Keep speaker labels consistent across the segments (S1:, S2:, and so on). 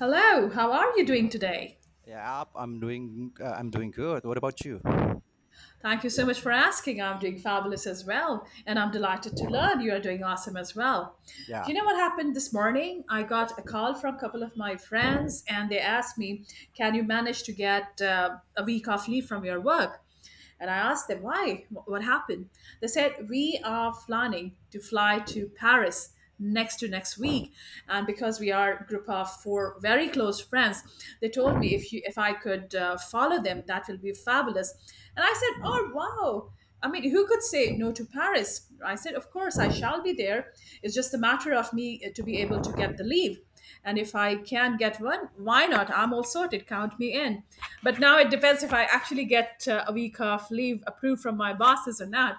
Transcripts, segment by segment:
S1: Hello, how are you doing today?
S2: I'm doing good. What about you?
S1: Thank you so much for asking. I'm doing fabulous as well, and I'm delighted to learn you are doing awesome as well.
S2: Yeah.
S1: You know what happened this morning? I got a call from a couple of my friends, and they asked me, can you manage to get a week off leave from your work? And I asked them, why? What happened? They said, we are planning to fly to Paris next to next week, and because we are a group of four very close friends, they told me if you if I could follow them, that will be fabulous. And I said, oh, wow, I mean, who could say no to Paris? I said, of course I shall be there. It's just a matter of me to be able to get the leave, and if I can get one, why not? I'm all sorted, count me in. But now it depends if I actually get a week off leave approved from my bosses or not.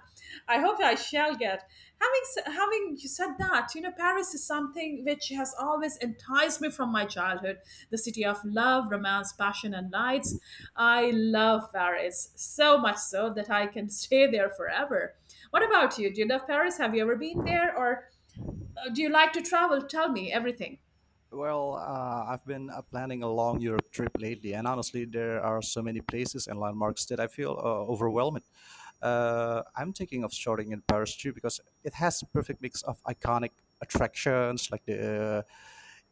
S1: I hope I shall get. Having said that, you know Paris is something which has always enticed me from my childhood. The city of love, romance, passion and lights. I love Paris so much so that I can stay there forever. What about you? Do you love Paris? Have you ever been there? Or do you like to travel? Tell me everything.
S2: Well, I've been planning a long Europe trip lately, and honestly, there are so many places and landmarks that I feel overwhelmed. I'm thinking of starting in Paris too because it has the perfect mix of iconic attractions like the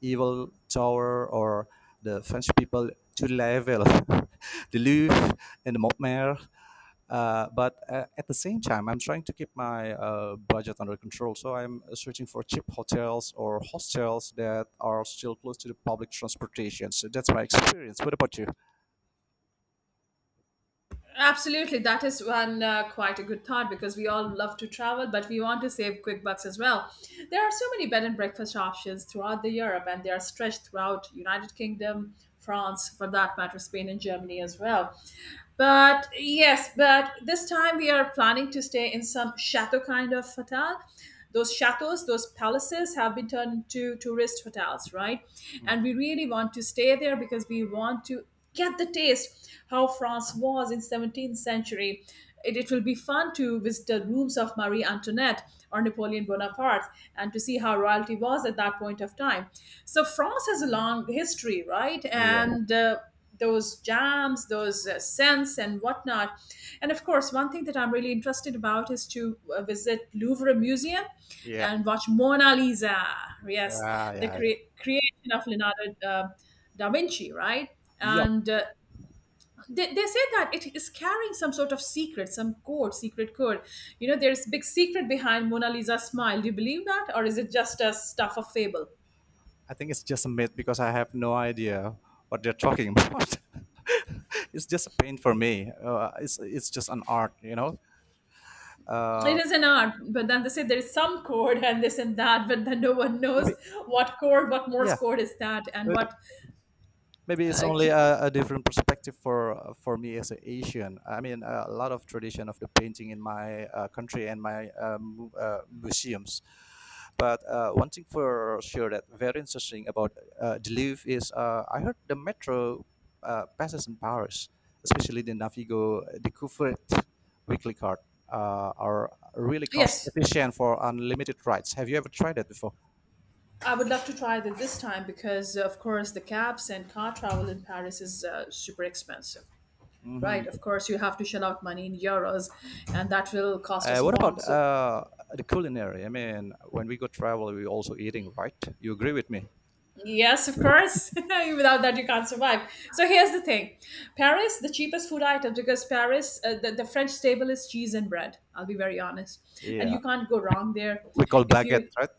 S2: Evil Tower or the French people to Level, the Louvre, and the Montmartre. But at the same time, I'm trying to keep my budget under control. So I'm searching for cheap hotels or hostels that are still close to the public transportation. So that's my experience. What about you?
S1: Absolutely, that is one quite a good thought because we all love to travel, but we want to save quick bucks as well. There are so many bed and breakfast options throughout the Europe, and they are stretched throughout United Kingdom, France, for that matter, Spain and Germany as well. But yes, but this time we are planning to stay in some chateau kind of hotel. Those chateaus, those palaces have been turned into tourist hotels, right? And we
S2: Mm.
S1: really want to stay there because we want to get the taste how France was in 17th century. It will be fun to visit the rooms of Marie Antoinette or Napoleon Bonaparte and to see how royalty was at that point of time. So France has a long history, right?
S2: Oh, yeah.
S1: And Those jams, those scents and whatnot. And of course, one thing that I'm really interested about is to visit Louvre Museum
S2: Yeah.
S1: and watch Mona Lisa. Yes,
S2: Yeah, yeah,
S1: the
S2: yeah.
S1: creation of Leonardo. Da Vinci, right?
S2: Yep.
S1: And They say that it is carrying some sort of secret, some code, secret code. You know, there's big secret behind Mona Lisa's smile. Do you believe that? Or is it just a stuff of fable?
S2: I think it's just a myth because I have no idea what they're talking about. It's just a pain for me. It's just an art, you know.
S1: It
S2: Uh,
S1: is an art, but then they say there is some code and this and that, but then no one knows
S2: maybe
S1: what code, what Morse
S2: yeah.
S1: code is that, and what.
S2: Maybe it's
S1: Uh,
S2: only
S1: key-
S2: a different perspective for me as an Asian. I mean, a lot of tradition of the painting in my country and my museums. But one thing for sure that very interesting about the Louvre is I heard the metro passes in Paris, especially the Navigo Découverte weekly card, are really cost
S1: yes,
S2: efficient for unlimited rides. Have you ever tried that before?
S1: I would love to try it this time because, of course, the cabs and car travel in Paris is super expensive. Right?
S2: Mm-hmm.
S1: Of course, you have to shell out money in euros, and that will cost us a
S2: What about
S1: bomb. So,
S2: the culinary? I mean, when we go travel, we also eating, right? You agree with me?
S1: yes, of course, without that, you can't survive. So, here's the thing. Paris, the cheapest food item, because Paris, the French staple is cheese and bread. I'll be very honest. And
S2: Yeah,
S1: you can't go wrong there.
S2: we call
S1: If
S2: baguette,
S1: you,
S2: right?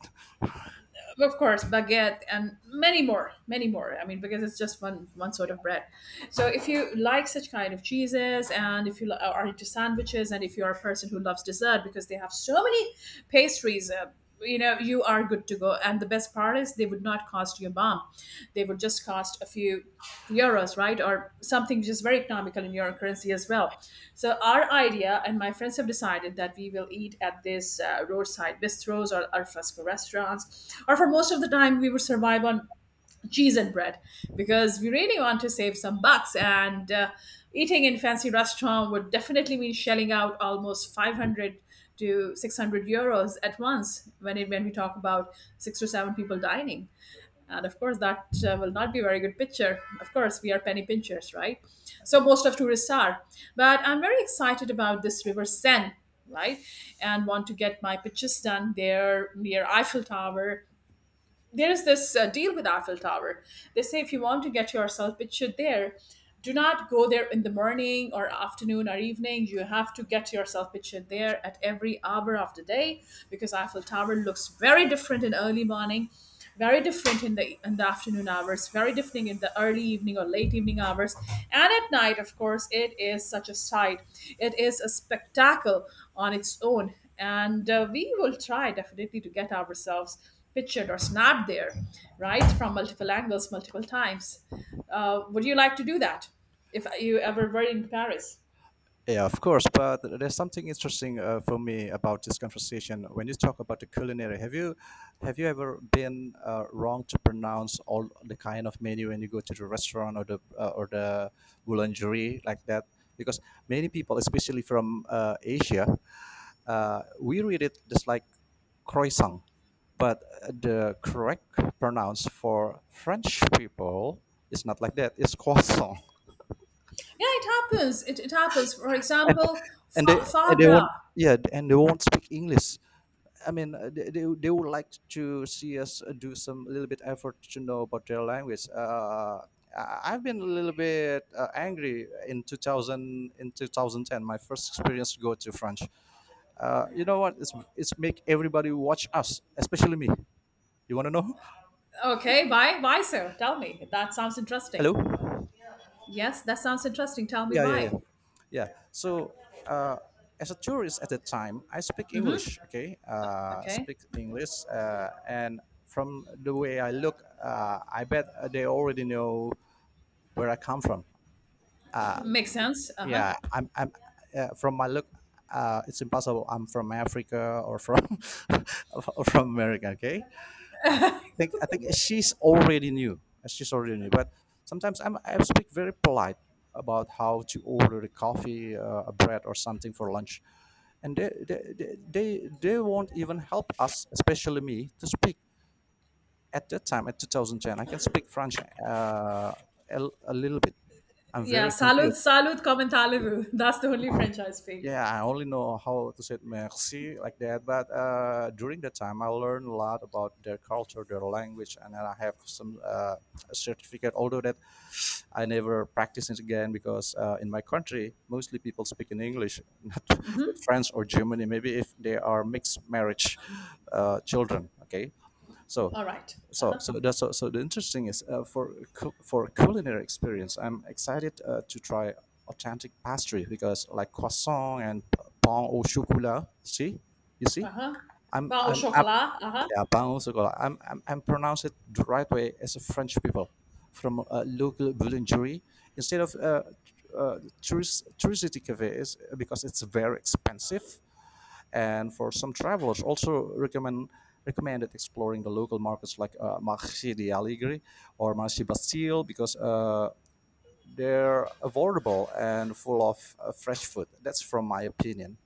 S1: of course, baguette and many more, I mean, because it's just one sort of bread. So if you like such kind of cheeses, and if you are into sandwiches, and if you are a person who loves dessert, because they have so many pastries, you know, you are good to go. And the best part is they would not cost you a bomb. They would just cost a few euros, right? Or something just very economical in your currency as well. So our idea and my friends have decided that we will eat at this roadside bistros or al fresco restaurants. Or for most of the time, we would survive on cheese and bread because we really want to save some bucks. And Eating in fancy restaurant would definitely mean shelling out almost 500 to 600 euros at once when it when we talk about six to seven people dining. And of course that will not be a very good picture. Of course, we are penny pinchers, right? So most of tourists are. But I'm very excited about this river Seine, right, and want to get my pictures done there near Eiffel Tower. There is this deal with Eiffel Tower. They say if you want to get yourself pictured there, do not go there in the morning or afternoon or evening. You have to get yourself pictured there at every hour of the day, because Eiffel Tower looks very different in early morning, very different in the afternoon hours, very different in the early evening or late evening hours, and at night, of course, it is such a sight. It is a spectacle on its own, and we will try definitely to get ourselves pictured or snapped there right from multiple angles, multiple times. Would you like to do that if you ever were in Paris?
S2: Yeah, of course. But there's something interesting for me about this conversation. When you talk about the culinary, have you ever been wrong to pronounce all the kind of menu when you go to the restaurant or the boulangerie like that? Because many people, especially from Asia, we read it just like croissant. But the correct pronounce for French people is not like that. It's croissant,
S1: Yeah, it happens. It happens. For example,
S2: and they and
S1: foie
S2: they
S1: gras.
S2: won't yeah, and they won't speak English. I mean, they would like to see us do some little bit effort to know about their language. I've been a little bit angry in 2010. My first experience to go to France. You know what? It's make everybody watch us, especially me. You want to know?
S1: Okay, why so? Tell me, that sounds interesting.
S2: Hello.
S1: Yes, that sounds interesting, tell me
S2: Yeah, yeah,
S1: why.
S2: yeah. Yeah. So, uh, as a tourist at the time, I speak English. Okay,
S1: Okay,
S2: speak English, and from the way I look, I bet they already know where I come from.
S1: makes sense, uh-huh.
S2: I'm from my look, it's impossible. I'm from Africa or from or from America. Okay, I I think she's already knew. She's already knew. But sometimes I speak very polite about how to order a coffee, a bread, or something for lunch, and they they won't even help us, especially me, to speak. At that time, at 2010, I can speak French a, a little bit. I'm
S1: Yeah,
S2: very
S1: salud,
S2: confused.
S1: salud, comment allez-vous, that's the only French I speak.
S2: Yeah, I only know how to say merci like that. But during that time, I learned a lot about their culture, their language, and then I have some a certificate. Although that I never practice it again because in my country, mostly people speak in English, not with France or Germany. Maybe if they are mixed marriage children, okay. So,
S1: All right,
S2: so,
S1: uh-huh.
S2: so that's so, so the interesting is uh, for culinary experience, I'm excited to try authentic pastry because like croissant and pain au chocolat. See, you see,
S1: Uh-huh.
S2: I'm
S1: Wow,
S2: I'm, I'm
S1: chocolate. Uh-huh.
S2: yeah, pain au chocolat. I'm pronounce it the right way as a French people from a local boulangerie instead of tourist touristy cafe is because it's very expensive and for some travelers, also recommended exploring the local markets like Marché de Allegri or Marché Bastille because they're affordable and full of fresh food. That's from my opinion.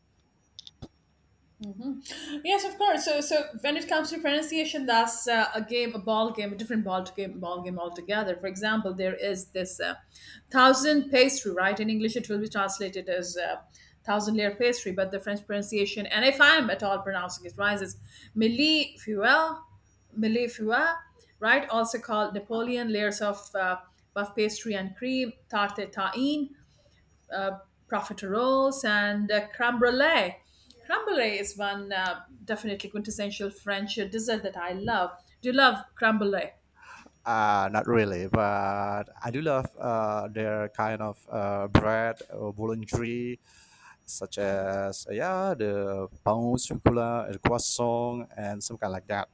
S1: Yes, of course. So, so when it comes to pronunciation, that's a game, a ball game, a different ball game altogether. For example, there is this thousand pastry, right? In English, it will be translated as thousand layer pastry, but the French pronunciation, and if I'm at all pronouncing it right, is milli fuel, milli fuel, right? Also called Napoleon layers of puff pastry and cream, tarte tahin, uh, profiteroles and creme brulee. Creme brulee is one definitely quintessential French dessert that I love. Do you love creme brulee?
S2: Not really, but I do love their kind of bread or boulangerie, such as yeah, the pain au chocolat, the croissant, and some kind like that.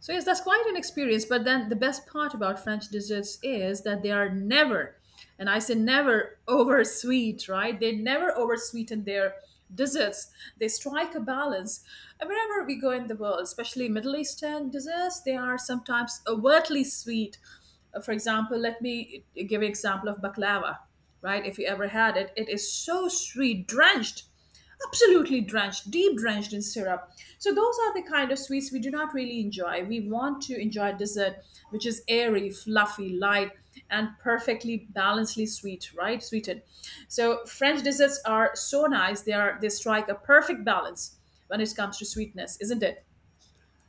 S1: So yes, that's quite an experience. But then the best part about French desserts is that they are never, and I say never, over sweet, right? They never over sweeten their desserts. They strike a balance. And wherever we go in the world, especially Middle Eastern desserts, they are sometimes overtly sweet. For example, let me give an example of baklava, right? If you ever had it, it is so sweet, drenched, absolutely drenched, deep drenched in syrup. So those are the kind of sweets we do not really enjoy. We want to enjoy dessert which is airy, fluffy, light and perfectly balancedly sweet, right, sweetened. So French desserts are so nice, they are, they strike a perfect balance when it comes to sweetness, isn't it?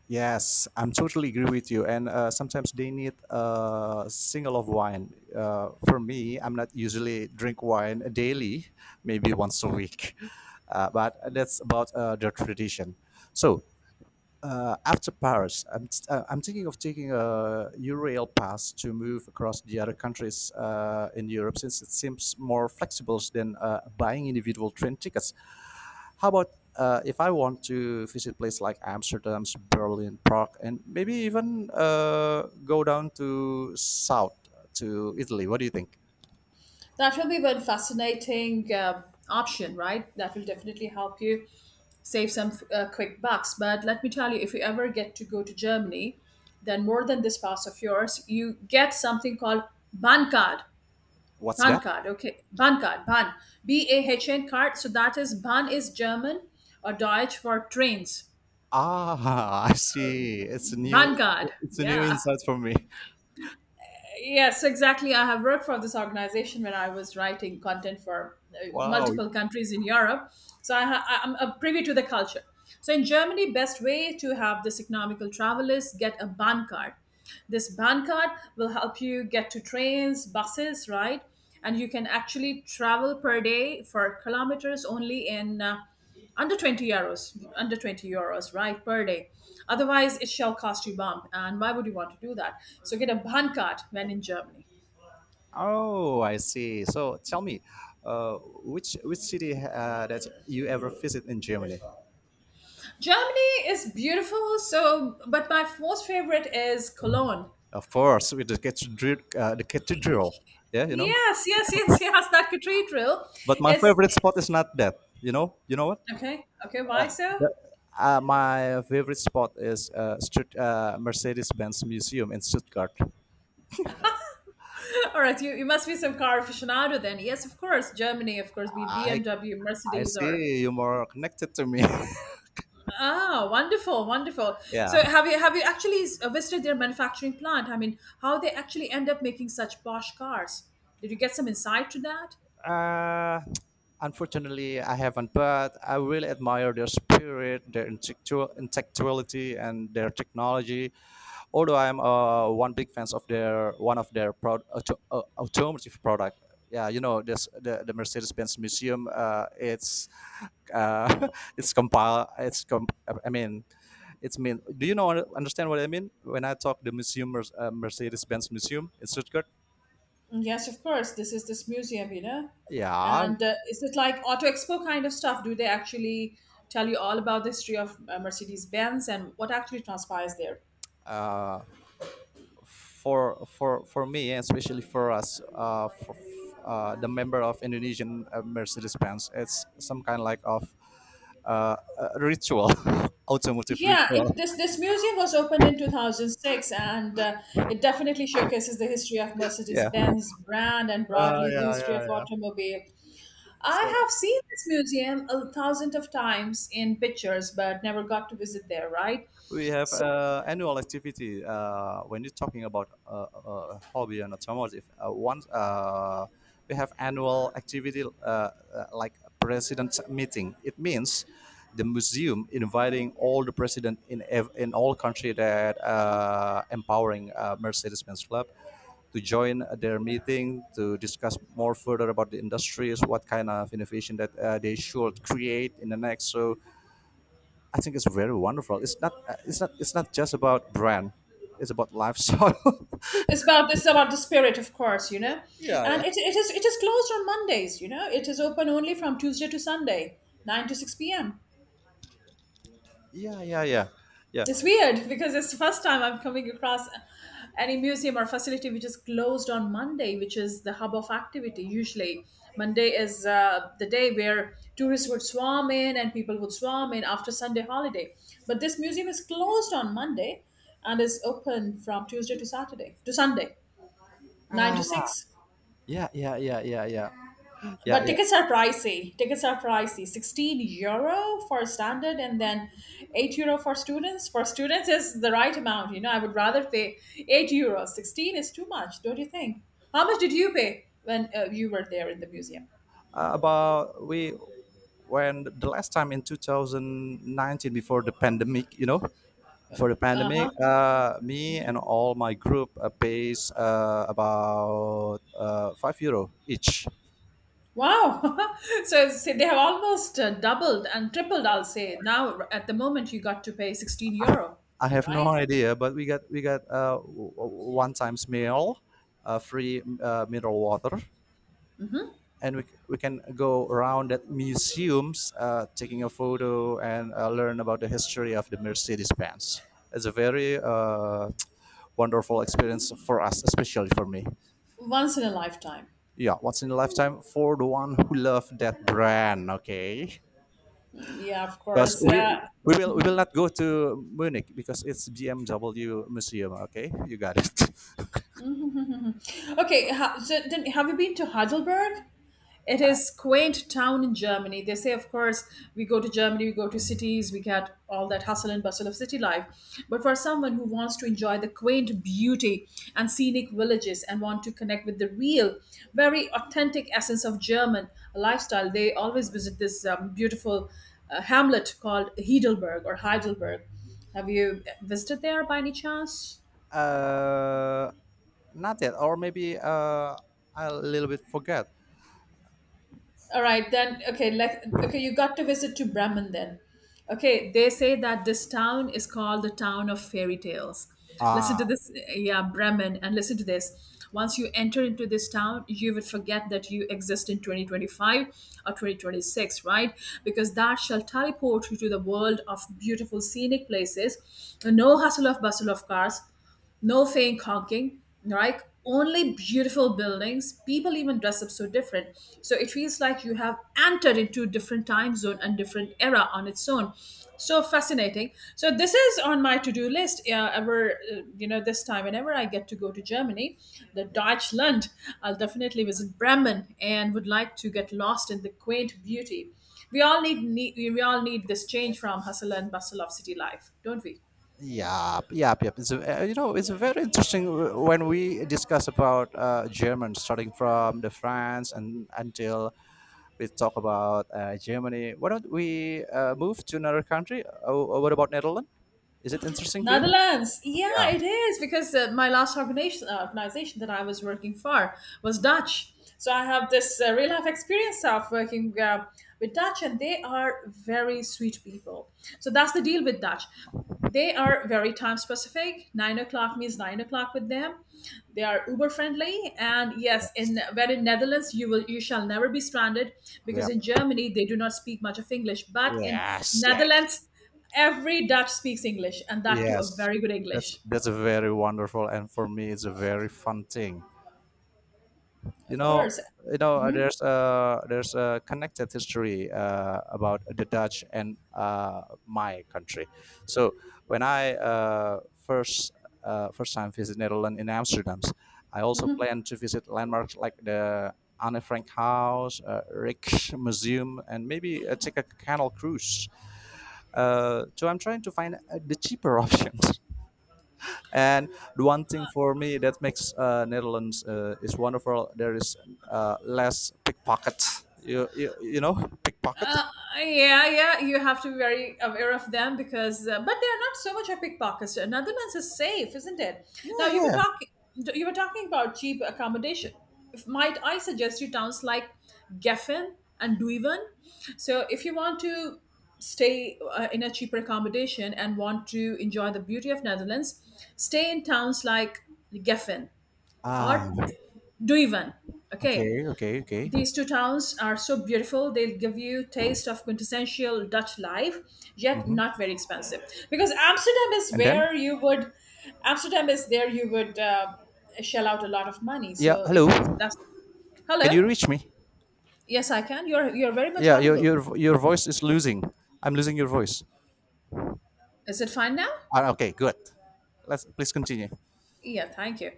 S2: Yes, I'm totally agree with you. And sometimes they need a single of wine. For me, I'm not usually drink wine daily, maybe once a week. But that's about the tradition. So after Paris, I'm thinking of taking a Eurail pass to move across the other countries in Europe since it seems more flexible than buying individual train tickets. How about if I want to visit places like Amsterdam, Berlin, Prague, and maybe even go down to south to Italy? What do you think?
S1: That will be one fascinating option, right, that will definitely help you save some quick bucks. But let me tell you, if you ever get to go to Germany, then more than this pass of yours, you get something called Bahncard. Bahncard,
S2: What's that?
S1: okay. Bahncard, Bahn. B A H N card. So that is Bahn is German or Deutsch for trains.
S2: Ah, I see.
S1: Bahncard,
S2: It's a new
S1: yeah.
S2: insight for me.
S1: Yes, exactly. I have worked for this organization when I was writing content for
S2: Wow,
S1: multiple countries in Europe. So I ha- I- I'm privy to the culture. So in Germany, best way to have this economical travel is get a Bahn card. This Bahn card will help you get to trains, buses, right? And you can actually travel per day for kilometers only in under 20 euros, under 20 euros, right, per day. Otherwise it shall cost you bomb, and why would you want to do that? So get a ban card when in Germany.
S2: oh, I see. So tell me, uh, which city that you ever visit in Germany?
S1: Germany is beautiful, so, but my most favorite is Cologne.
S2: Of course, with the cathedral. Yeah, you know.
S1: Yes, yes, yes, yes, that cathedral
S2: But my
S1: is.
S2: favorite spot is not that. You know what?
S1: Okay, okay, why so?
S2: The, my favorite spot is Mercedes-Benz Museum in Stuttgart.
S1: All right, you must be some car aficionado then. Yes, of course, Germany, of course, be it
S2: I
S1: BMW,
S2: I
S1: Mercedes or.
S2: see you more connected to me.
S1: Ah, wonderful, wonderful.
S2: Yeah.
S1: So have you actually visited their manufacturing plant? I mean, how they actually end up making such posh cars? Did you get some insight to that?
S2: Uh, unfortunately, I haven't, but I really admire their spirit, their intellectuality, and their technology. Although I'm one big fans of their one of their automotive product. Yeah, you know this the Mercedes-Benz Museum. It's uh, it's compile. It's com- I mean, it's mean. Do you know understand what I mean when I talk the museum Mercedes-Benz Museum in Stuttgart?
S1: Yes, of course. This is this museum, you know.
S2: Yeah,
S1: And is it like Auto Expo kind of stuff? Do they actually tell you all about the history of Mercedes Benz and what actually transpires there?
S2: uh, for me and especially for us the member of Indonesian Mercedes Benz, it's some kind like of ritual. Automotive
S1: Yeah,
S2: ritual.
S1: this museum was opened in 2006, and it definitely showcases the history of
S2: yeah
S1: Mercedes-Benz brand and
S2: uh,
S1: broadly the
S2: yeah
S1: history
S2: yeah
S1: of
S2: yeah
S1: automobile.
S2: So
S1: I have seen this museum a thousand of times in pictures, but never got to visit there, right?
S2: we have
S1: So
S2: annual activity when you're talking about hobby and automotive once we have annual activity like president meeting. It means the museum inviting all the president in all country that empowering mercedes-benz club to join their meeting to discuss more further about the industries, what kind of innovation that they should create in the next. So I think it's very wonderful. It's not just about brand. It's about lifestyle.
S1: it's about this about the spirit, of course, you know.
S2: Yeah, yeah.
S1: And it is closed on Mondays, you know. It is open only from Tuesday to Sunday, nine to six p.m.
S2: Yeah, yeah, yeah, yeah.
S1: It's weird because it's the first time I'm coming across any museum or facility which is closed on Monday, which is the hub of activity. Usually, Monday is the day where tourists would swarm in and people would swarm in after Sunday holiday. But this museum is closed on Monday and is open from Tuesday to Saturday to Sunday, nine to
S2: Ah,
S1: six.
S2: yeah, yeah, yeah, yeah, yeah, yeah,
S1: But
S2: yeah.
S1: tickets are pricey. Tickets are pricey. €16 for standard and then €8 for students. For students is the right amount. You know, I would rather pay €8. 16 is too much, don't you think? How much did you pay when you were there in the museum?
S2: About we when the last time in 2019 before the pandemic, you know, before the pandemic,
S1: Uh-huh.
S2: me and all my group pays about €5 each.
S1: Wow. So they have almost doubled and tripled, I'll say. Now, at the moment, you got to pay €16,
S2: I have no
S1: right?
S2: idea, but we got one times meal, free mineral water,
S1: Hmm.
S2: and we can go around at museums, taking a photo and learn about the history of the Mercedes Benz. It's a very wonderful experience for us, especially for me.
S1: Once in a lifetime.
S2: Yeah, once in a lifetime for the one who love that brand. Okay,
S1: Yeah, of
S2: because
S1: course.
S2: we. We will not go to Munich because it's BMW museum. Okay, you got it.
S1: Okay, so then have you been to Heidelberg? It is quaint town in Germany. They say, of course, we go to Germany, we go to cities, we get all that hustle and bustle of city life. But for someone who wants to enjoy the quaint beauty and scenic villages and want to connect with the real, very authentic essence of German lifestyle, they always visit this beautiful hamlet called Heidelberg or Heidelberg. Have you visited there by any chance?
S2: Uh, not yet, or maybe I a little bit forget.
S1: All right, then. Okay, like okay, you got to visit to Bremen then. Okay, they say that this town is called the town of fairy tales. Listen to this, yeah, Bremen, and listen to this. Once you enter into this town, you will forget that you exist in 2025 or 2026, right? Because that shall teleport you to the world of beautiful scenic places, no hustle of bustle of cars, no fake honking, right? Only beautiful buildings. People even dress up so different. So it feels like you have entered into a different time zone and different era on its own. So fascinating. So this is on my to-do list. Yeah, ever this time whenever I get to go to Germany, the Deutschland, I'll definitely visit Bremen and would like to get lost in the quaint beauty. We all need, need we all need this change from hustle and bustle of city life, don't we?
S2: Yeah, yeah, yeah. It's a, you know, it's very interesting when we discuss about German, starting from the France and until we talk about Germany. Why don't we move to another country? Oh, oh, what about Netherlands? Is it interesting for you?
S1: Netherlands.
S2: Yeah.
S1: Yeah, it is because my last organization that I was working for was Dutch. So I have this real life experience of working with Dutch, and they are very sweet people. So that's the deal with Dutch. They are very time specific. 9 o'clock means 9 o'clock with them. They are uber friendly, and yes,
S2: Yes.
S1: in Netherlands you shall never be stranded because
S2: Yeah.
S1: in Germany they do not speak much of English, but in
S2: Yes. Yeah.
S1: Netherlands every Dutch speaks English, and that too a
S2: Yes.
S1: very good
S2: That's
S1: English.
S2: a very wonderful and for me it's a very fun thing. You
S1: Of
S2: know,
S1: course.
S2: you know,
S1: Mhm,
S2: there's a connected history about the Dutch and my country. So when I first time visit Netherlands in Amsterdam, I also
S1: mhm.
S2: plan to visit landmarks like the Anne Frank House, rick and maybe take a canal cruise, so I'm trying to find the cheaper options. And the one thing for me that makes Netherlands is wonderful, there is less pickpockets. You know pickpockets?
S1: Uh, yeah, you have to be very aware of them because, but they are not so much a pickpockets. Netherlands is safe, isn't it?
S2: Yeah,
S1: Now
S2: yeah.
S1: you were talking about cheap accommodation. If, might I suggest you towns like Geffen and Duiven? So if you want to stay in a cheaper accommodation and want to enjoy the beauty of Netherlands, stay in towns like Geffen
S2: Ah,
S1: or Duiven. Okay,
S2: okay, okay, okay.
S1: these two towns are so beautiful. They'll give you taste of quintessential Dutch life, yet
S2: Hmm.
S1: not very expensive. Because
S2: And then,
S1: Amsterdam is there you would shell out a lot of money.
S2: yeah,
S1: So if
S2: hello.
S1: you if that's
S2: Can
S1: hello,
S2: you reach me?
S1: yes, I can. You're very much
S2: Yeah,
S1: audible.
S2: your voice is losing. I'm losing your voice.
S1: Is it fine now?
S2: Ah, okay, good. Let's please continue.
S1: Yeah, thank you.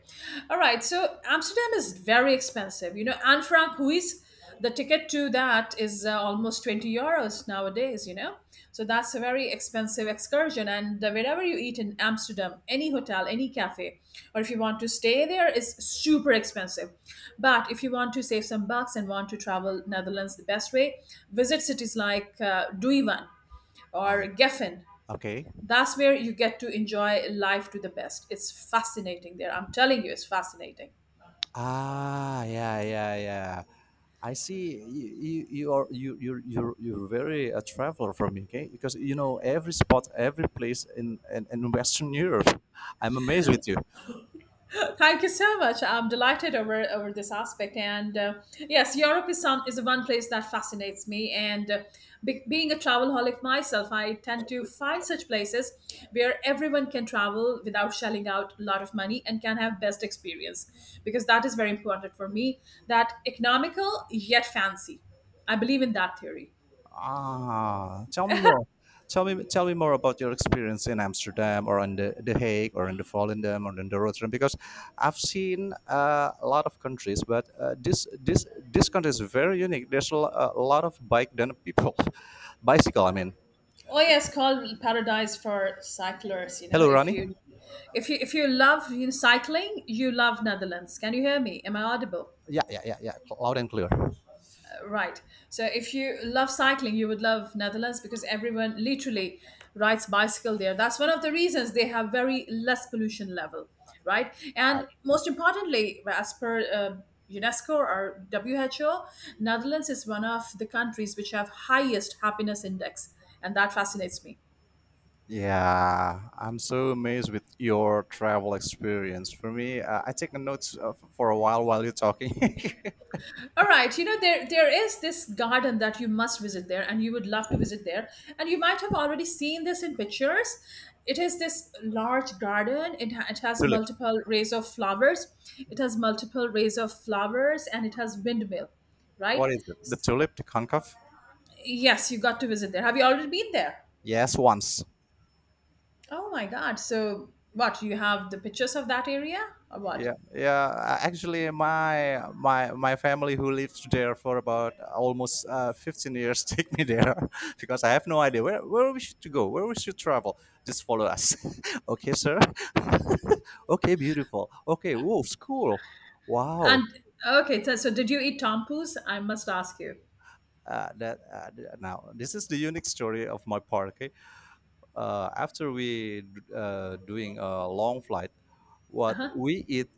S1: All right, so Amsterdam is very expensive. You know, Anne Frank, who is the ticket to that is almost €20 nowadays, you know. So that's a very expensive excursion. And wherever you eat in Amsterdam, any hotel, any cafe, or if you want to stay there, is super expensive. But if you want to save some bucks and want to travel Netherlands the best way, visit cities like Duiven
S2: Ah,
S1: or Geffen,
S2: okay.
S1: that's where you get to enjoy life to the best. It's fascinating there. I'm telling you, it's fascinating.
S2: Ah, yeah, yeah, yeah. I see. You are you you you're very a traveler from UK because you know every spot, every place in Western Europe. I'm amazed with you.
S1: Thank you so much. I'm delighted over this aspect. And yes, Europe is one place that fascinates me. And being a travelholic myself, I tend to find such places where everyone can travel without shelling out a lot of money and can have best experience because that is very important for me. That economical yet fancy. I believe in that theory.
S2: Ah, tell me more. Tell me more about your experience in Amsterdam or in the Hague or in the Volendam or in the Rotterdam because I've seen a lot of countries, but this country is very unique. There's a lot of bike then people, bicycle.
S1: Oh yes, called paradise for cyclers. You know,
S2: Hello, Ronnie.
S1: if you love, you know, cycling, you love Netherlands. Can you hear me? Am I audible?
S2: Yeah, yeah, yeah, yeah. Loud and clear.
S1: Right. So if you love cycling, you would love Netherlands because everyone literally rides bicycle there. That's one of the reasons they have very less pollution level, right? And most importantly, as per UNESCO or WHO, Netherlands is one of the countries which have highest happiness index, and that fascinates me.
S2: Yeah, I'm so amazed with your travel experience. For me, I take notes for a while you're talking.
S1: All right, you know there there is this garden that you must visit there, and you would love to visit there, and you might have already seen this in pictures. It is this large garden. It has
S2: Tulip.
S1: multiple rays of flowers. It has multiple rays of flowers, and it has windmill, right?
S2: What is it? The tulip, the concave?
S1: Yes, you got to visit there. Have you already been there?
S2: Yes, once.
S1: Oh my God! So what? You have the pictures of that area, or what?
S2: Yeah, yeah, actually my family who lived there for about almost 15 years take me there because I have no idea where we should to go where we should travel. Just follow us. Okay, sir. Okay, beautiful, okay, whoa, school,
S1: And
S2: wow.
S1: okay, did you eat tompoos? I must ask you.
S2: Now this is the unique story of my part. Okay, after we doing a long flight,
S1: Uh
S2: what
S1: huh.
S2: we eat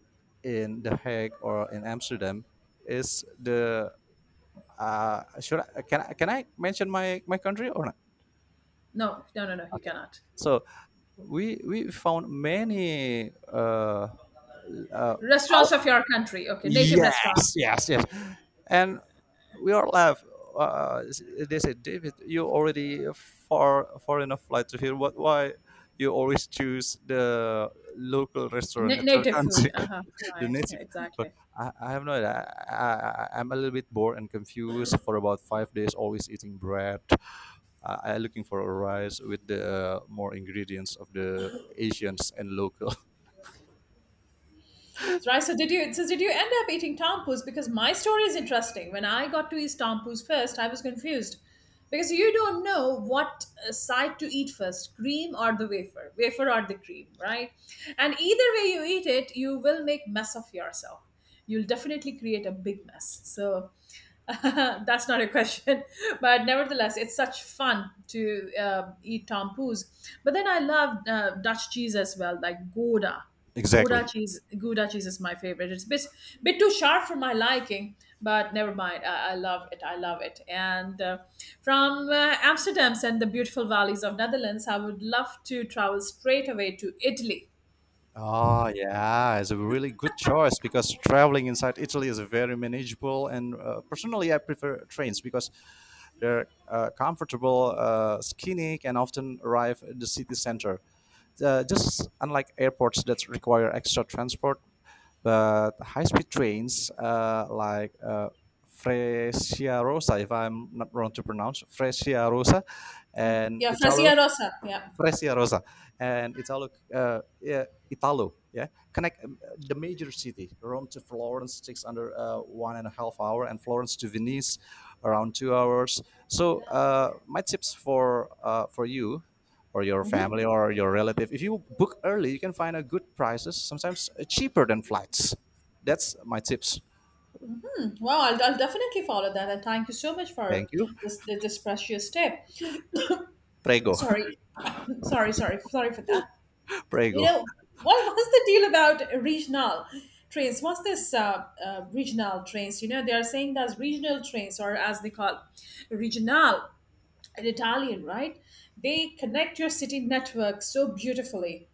S2: in the Hague or in Amsterdam is the— should I, can I mention my country or not?
S1: No, no, no, no. You
S2: Okay,
S1: cannot.
S2: so we found many. Uh,
S1: Restaurants
S2: our-
S1: of your country. Okay, native
S2: yes,
S1: restaurants.
S2: yes, yes, and we are left. Uh, they said, David, you already far enough flight to here. What, why you always choose the local
S1: Na
S2: restaurant at your
S1: native food.
S2: country,
S1: Uh-huh.
S2: the
S1: Right. Yeah,
S2: native? But
S1: exactly.
S2: I have no idea. I'm a little bit bored and confused for about 5 days, always eating bread. I looking for a rice with the more ingredients of the Asians and local.
S1: That's right. So did you end up eating tampus? Because my story is interesting. When I got to eat tampus first, I was confused. Because you don't know what side to eat first, cream or the wafer, wafer or the cream, right? And either way you eat it, you will make mess of yourself. You'll definitely create a big mess. So that's not a question, but nevertheless, it's such fun to eat tompoos. But then I love Dutch cheese as well, like Gouda.
S2: Exactly.
S1: Gouda cheese is my favorite. Bit too sharp for my liking, but never mind. I love it. I love it. And from Amsterdam and the beautiful valleys of Netherlands, I would love to travel straight away to Italy.
S2: Oh yeah, it's a really good choice because traveling inside Italy is very manageable. And personally, I prefer trains because their comfortable skinny can often arrive at the city center. Just unlike airports that require extra transport, but high-speed trains like Frecciarossa, if I'm not wrong to pronounce Frecciarossa,
S1: Mm,
S2: and
S1: yeah,
S2: Italo,
S1: Frasia Rossa. Yeah.
S2: Fresia Rosa, and Italo, yeah, Italo, yeah, connect the major city. Rome to Florence takes under 1.5 hour, and Florence to Venice, around 2 hours. So my tips for you, or your
S1: Mhm.
S2: family, or your relative, if you book early, you can find a good prices, sometimes cheaper than flights. That's my tips.
S1: Well, I'll definitely follow that. And thank you so much for
S2: Thank you.
S1: this precious tip.
S2: Prego,
S1: Sorry, sorry for that. You
S2: prego.
S1: know, what was the deal about regional trains? What's this regional trains? You know, they are saying that's regional trains, or as they call regional in Italian, right? They connect your city network so beautifully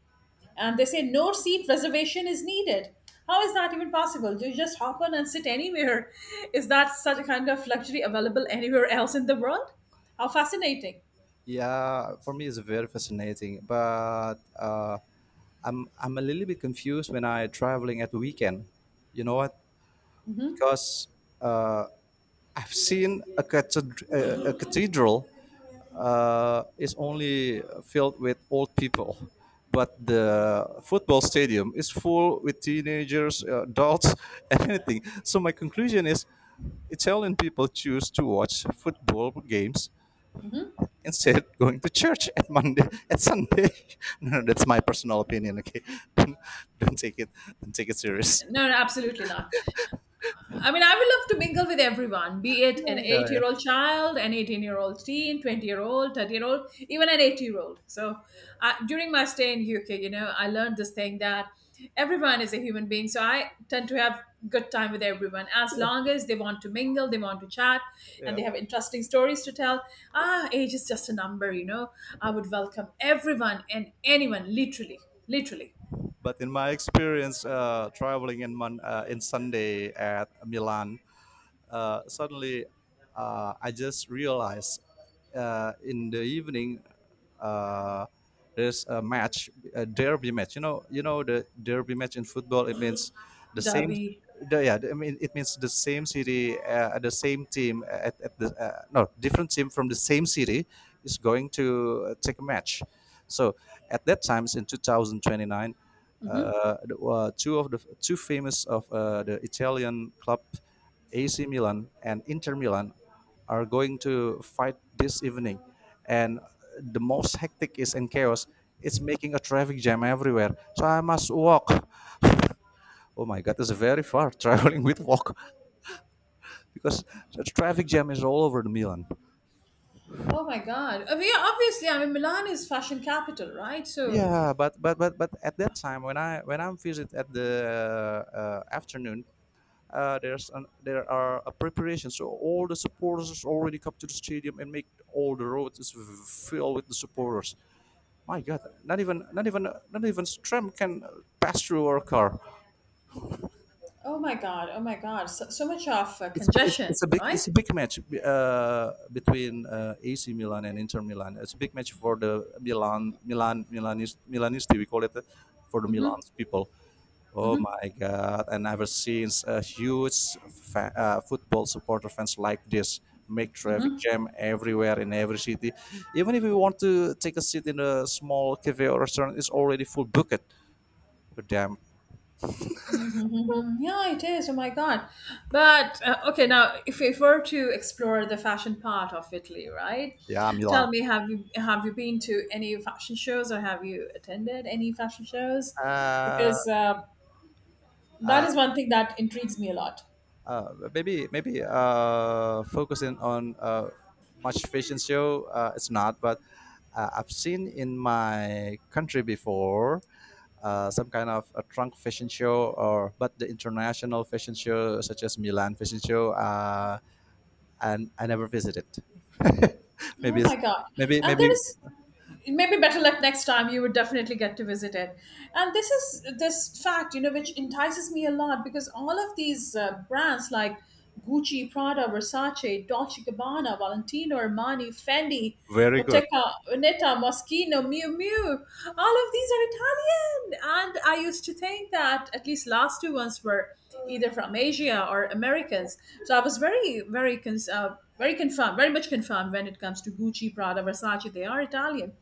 S1: and they say no seat reservation is needed. How is that even possible? You just hop on and sit anywhere. Is that such a kind of luxury available anywhere else in the world? How fascinating.
S2: Yeah, for me it's very fascinating, but I'm a little bit confused when I traveling at the weekend. You know what?
S1: Hmm.
S2: Because uh, I've seen a, a cathedral is only filled with old people, but the football stadium is full with teenagers, adults, and anything. So my conclusion is, Italian people choose to watch football games instead going to church at Monday at Sunday. No, no, that's my personal opinion. Okay, don't, don't take it don't take it serious.
S1: No, no, absolutely not. I mean, I would love to mingle with everyone, be it an
S2: Yeah,
S1: eight
S2: yeah,
S1: year old child, an 18-year-old teen, 20-year-old, 30-year-old, even an 80-year-old. So during my stay in UK, you know, I learned this thing that everyone is a human being. So I tend to have good time with everyone as long as they want to mingle, they want to chat, and
S2: yeah.
S1: they have interesting stories to tell. Ah, age is just a number, you know. I would welcome everyone and anyone, literally, literally.
S2: But in my experience, traveling in Sunday at Milan, suddenly I just realized in the evening uh, there's a match, a derby match. You know the derby match in football. It means the same.
S1: Derby.
S2: The, yeah, I mean it means the same city, the same team at the no different team from the same city is going to take a match. So at that times in 2029,
S1: Mhm.
S2: two of the two famous of the Italian club AC Milan and Inter Milan are going to fight this evening, and the most hectic is in chaos. It's making a traffic jam everywhere, so I must walk. Oh my god, it's very far, traveling with walk, because the traffic jam is all over the Milan.
S1: Oh my God. I mean, yeah, obviously, I mean, Milan is fashion capital, right? So,
S2: Yeah, but at that time when I'm visit at the afternoon, there are preparations, so all the supporters already come to the stadium and make all the roads is filled with the supporters. My God, not even not even tram can pass through our car.
S1: oh my God, so much of
S2: It's, it's,
S1: congestion,
S2: it's a big, it's
S1: right?
S2: a big match between AC Milan and Inter Milan. It's a big match for the Milan Milanese Milanisti, we call it, for the
S1: Mm-hmm,
S2: Milan's people. Oh
S1: mm-hmm,
S2: my God! I never seen a huge football supporter fans like this, make traffic jam everywhere in every city. Even if we want to take a seat in a small cafe or restaurant, it's already full bucket. Damn.
S1: mm-hmm. Yeah, it is. Oh my God. But, okay, now, if we were to explore the fashion part of Italy, right?
S2: Yeah,
S1: Tell
S2: Milan.
S1: me, have you been to any fashion shows or have you attended any fashion shows?
S2: Uh,
S1: Because that is one thing that intrigues me a lot.
S2: maybe focusing on much fashion show it's not, but I've seen in my country before some kind of a trunk fashion show, or but the international fashion show such as Milan Fashion Show, and I never visited.
S1: Oh
S2: maybe
S1: my
S2: it's,
S1: God.
S2: maybe
S1: And there
S2: maybe
S1: is maybe better luck next time you would definitely get to visit it, and this is this fact, you know, which entices me a lot because all of these brands like Gucci, Prada, Versace, Dolce and Gabbana, Valentino, Armani, Fendi, Bottega Veneta, Moschino, Miu Miu, all of these are Italian, and I used to think that at least last two ones were either from Asia or Americans. So I was very confirmed, very much confirmed when it comes to Gucci, Prada, Versace. They are Italian,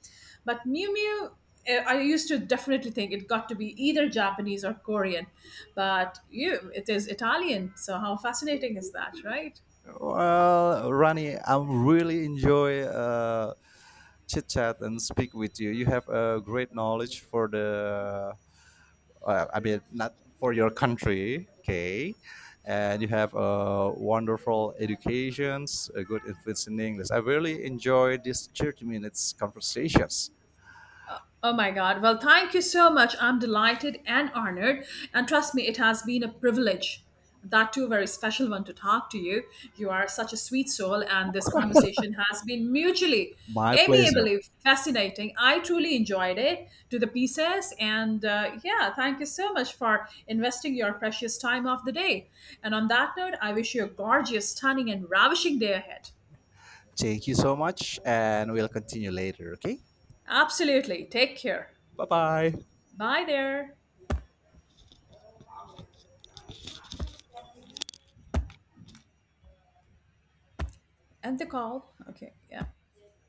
S1: but Miu Miu. Eh, I used to definitely think it got to be either Japanese or Korean, but you, it is Italian. So how fascinating is that, right?
S2: well, Rani, I really enjoy chit chat and speak with you. You have a great knowledge for the, I mean, not for your country, okay? And you have wonderful educations, a good influence in English. I really enjoyed this 30 minutes conversations.
S1: Oh my God. Well, thank you so much. I'm delighted and honored. And trust me, it has been a privilege. That too, very special one to talk to you. You are such a sweet soul, and this conversation has been mutually,
S2: My pleasure.
S1: amiably fascinating. I truly enjoyed it to the pieces. And yeah, thank you so much for investing your precious time of the day. And on that note, I wish you a gorgeous, stunning, and ravishing day ahead.
S2: Thank you so much, and we'll continue later, okay?
S1: Absolutely. Take care.
S2: Bye bye.
S1: Bye there. End the call. Okay. Yeah.